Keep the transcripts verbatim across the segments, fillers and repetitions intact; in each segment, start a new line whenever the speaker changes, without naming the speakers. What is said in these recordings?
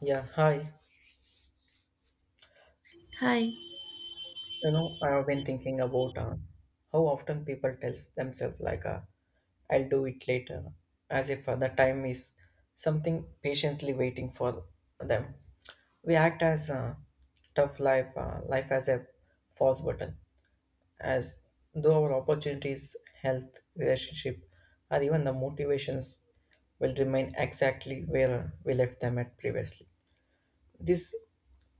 Yeah, hi.
Hi,
You know, I have been thinking about uh, how often people tells themselves like, uh, "I'll do it later," as if uh, the time is something patiently waiting for them. We act as uh, tough life, uh, life as a false button, as though our opportunities, health, relationship, or even the motivations will remain exactly where uh, we left them at previously. This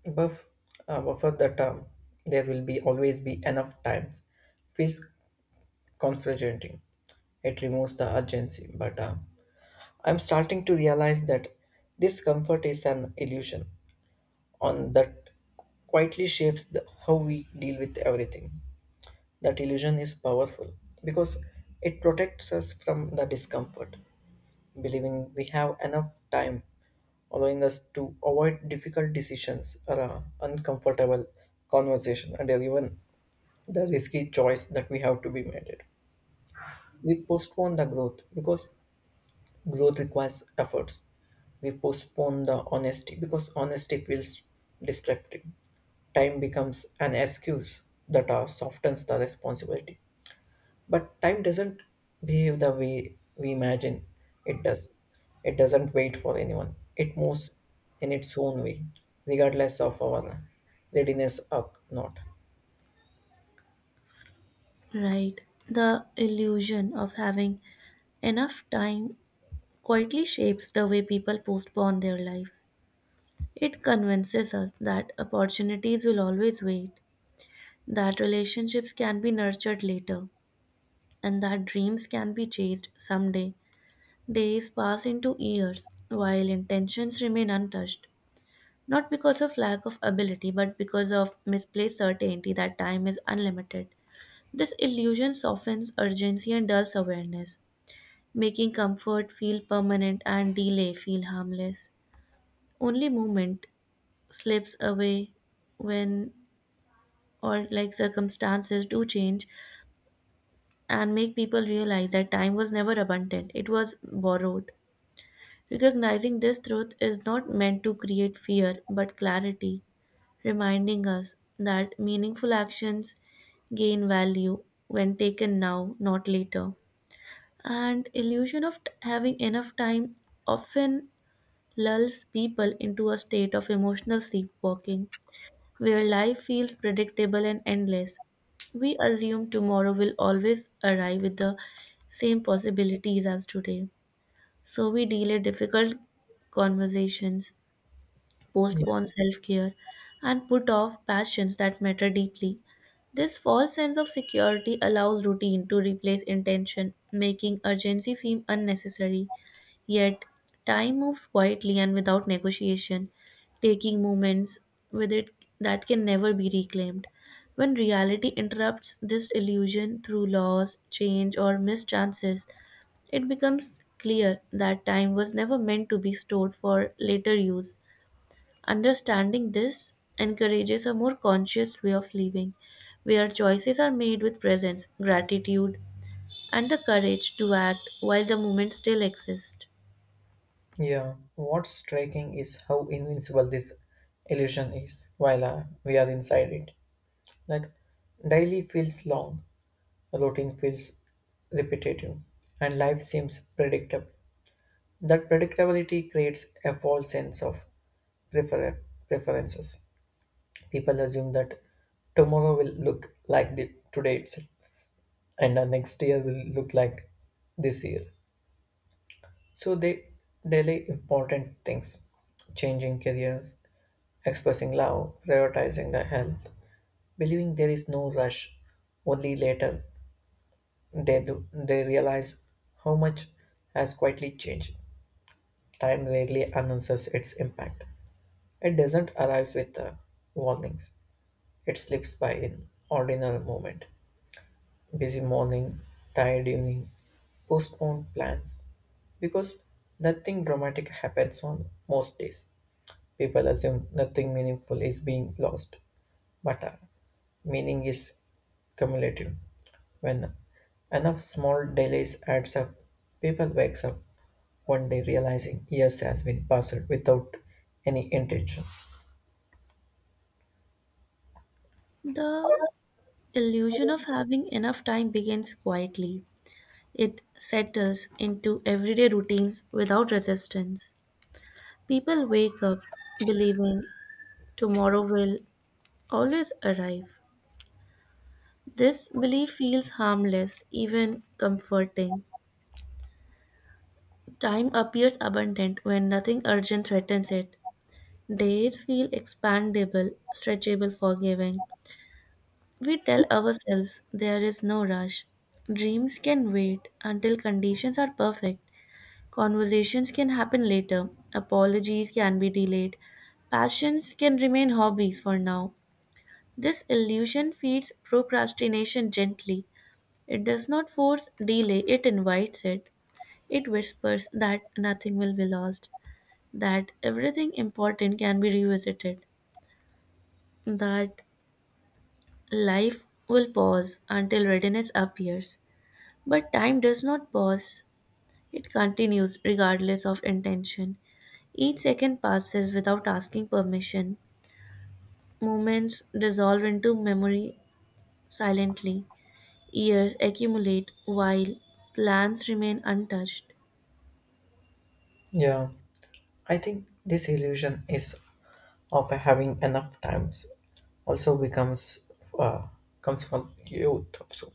buff uh, buffer the term there will be always be enough times feels confronting. It removes the urgency, but uh, I'm starting to realize that discomfort is an illusion on that quietly shapes the, how we deal with everything. That illusion is powerful because it protects us from the discomfort believing we have enough time, allowing us to avoid difficult decisions or uh, uncomfortable conversation and even the risky choice that we have to be made. It. We postpone the growth because growth requires efforts. We postpone the honesty because honesty feels disruptive. Time becomes an excuse that uh, softens the responsibility but time doesn't behave the way we imagine it does. It doesn't wait for anyone. It moves in its own way, regardless of our readiness or not.
right. The illusion of having enough time quietly shapes the way people postpone their lives. It convinces us that opportunities will always wait, that relationships can be nurtured later, and that dreams can be chased someday. Days pass into years while intentions remain untouched, not because of lack of ability, but because of misplaced certainty that time is unlimited. This illusion softens urgency and dulls awareness, making comfort feel permanent and delay feel harmless. Only moment slips away when or like circumstances do change and make people realize that time was never abundant, it was borrowed. Recognizing this truth is not meant to create fear but clarity, reminding us that meaningful actions gain value when taken now, not later. And illusion of t- having enough time often lulls people into a state of emotional sleepwalking, where life feels predictable and endless. We assume tomorrow will always arrive with the same possibilities as today. So we delay difficult conversations,
Yeah.
postpone self care, and put off passions that matter deeply. This false sense of security allows routine to replace intention, making urgency seem unnecessary. Yet, time moves quietly and without negotiation, taking moments with it that can never be reclaimed. When reality interrupts this illusion through loss, change, or missed chances, it becomes clear that time was never meant to be stored for later use. Understanding this encourages a more conscious way of living, where choices are made with presence, gratitude, and the courage to act while the moment still exists.
Yeah. What's striking is how invincible this illusion is while uh, we are inside it. Like, daily feels long, routine feels repetitive, and life seems predictable. That predictability creates a false sense of prefer- preferences. People assume that tomorrow will look like the today itself, and the next year will look like this year. So they delay important things, changing careers, expressing love, prioritizing their health, believing there is no rush. Only later they do, they realize how much has quietly changed. Time rarely announces its impact. It doesn't arrive with uh, warnings. It slips by in ordinary moment. Busy morning, tired evening, postponed plans. Because nothing dramatic happens on most days. People assume nothing meaningful is being lost. But uh, meaning is cumulative. When enough small delays adds up, people wakes up one day realizing years has been passed without any intention.
The illusion of having enough time begins quietly. It settles into everyday routines without resistance. People wake up believing tomorrow will always arrive. This belief feels harmless, even comforting. Time appears abundant when nothing urgent threatens it. Days feel expandable, stretchable, forgiving. We tell ourselves there is no rush. Dreams can wait until conditions are perfect. Conversations can happen later. Apologies can be delayed. Passions can remain hobbies for now. This illusion feeds procrastination gently. It does not force delay, it invites it. It whispers that nothing will be lost, that everything important can be revisited, that life will pause until readiness appears. But time does not pause, it continues regardless of intention. Each second passes without asking permission. Moments dissolve into memory silently. Years accumulate while plans remain untouched.
Yeah. I think this illusion is of having enough times also becomes uh, comes from youth also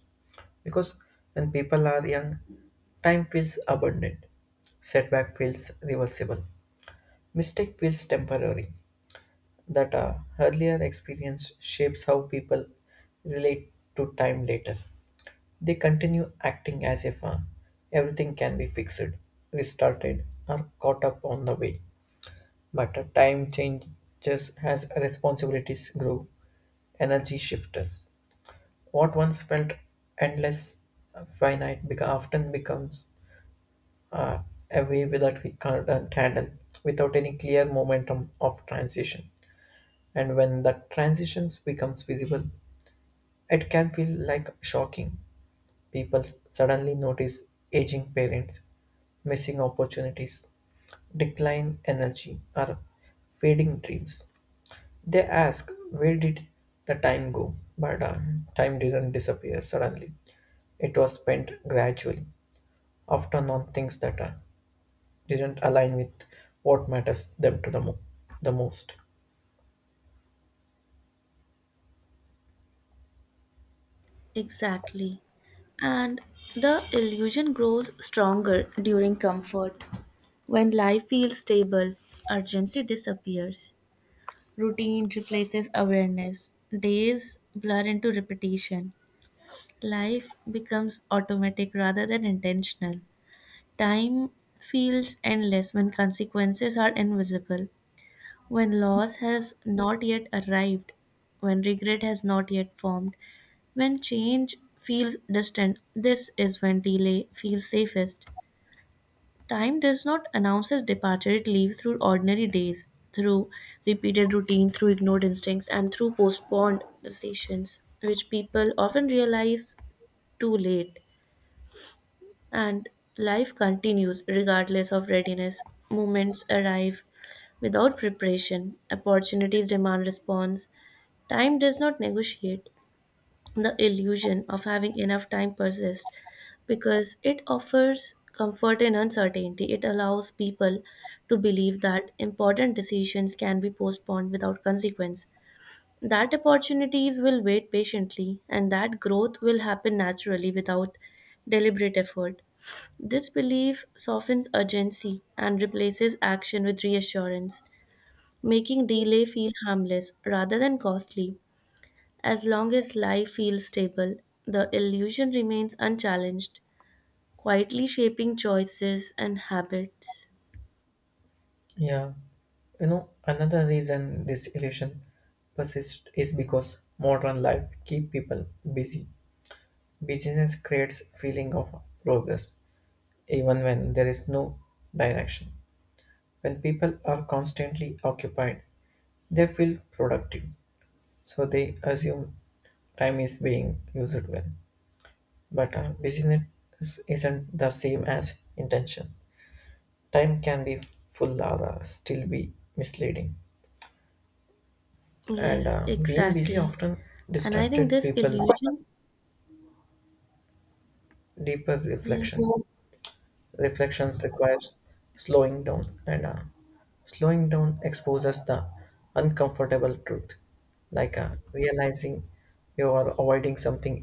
because when people are young, time feels abundant, setback feels reversible, mistake feels temporary. That uh, earlier experience shapes how people relate to time later. They continue acting as if uh, everything can be fixed, restarted, or caught up on the way. But uh, time changes as responsibilities grow. Energy shifters. What once felt endless, uh, finite, beca- often becomes uh, a wave that we can't handle without any clear momentum of transition. And when that transition becomes visible, it can feel like shocking. People s- suddenly notice aging parents, missing opportunities, decline energy, or fading dreams. They ask, where did the time go? But uh, time didn't disappear suddenly. It was spent gradually, often on things that uh, didn't align with what matters them to the, mo- the most.
Exactly. And the illusion grows stronger during comfort. When life feels stable, urgency disappears. Routine replaces awareness. Days blur into repetition. Life becomes automatic rather than intentional. Time feels endless when consequences are invisible, when loss has not yet arrived, when regret has not yet formed, when change feels distant. This is when delay feels safest. Time does not announce its departure, it leaves through ordinary days, through repeated routines, through ignored instincts, and through postponed decisions, which people often realize too late. And life continues regardless of readiness. Moments arrive without preparation, opportunities demand response. Time does not negotiate. The illusion of having enough time persists because it offers comfort in uncertainty. It allows people to believe that important decisions can be postponed without consequence, that opportunities will wait patiently and that growth will happen naturally without deliberate effort. This belief softens urgency and replaces action with reassurance, making delay feel harmless rather than costly. As long as life feels stable, the illusion remains unchallenged, quietly shaping choices and habits.
Yeah. You know, another reason this illusion persists is because modern life keep people busy. Busyness creates feeling of progress, even when there is no direction. When people are constantly occupied, they feel productive, so they assume time is being used well. But uh, busyness isn't the same as intention. Time can be full or uh, still be misleading. And
Yes,
uh, being busy
exactly.
often
And I think
distracted
this
people
illusion,
deeper reflections.
yes.
Reflections requires slowing down and uh, slowing down exposes the uncomfortable truth like uh, realizing you are avoiding something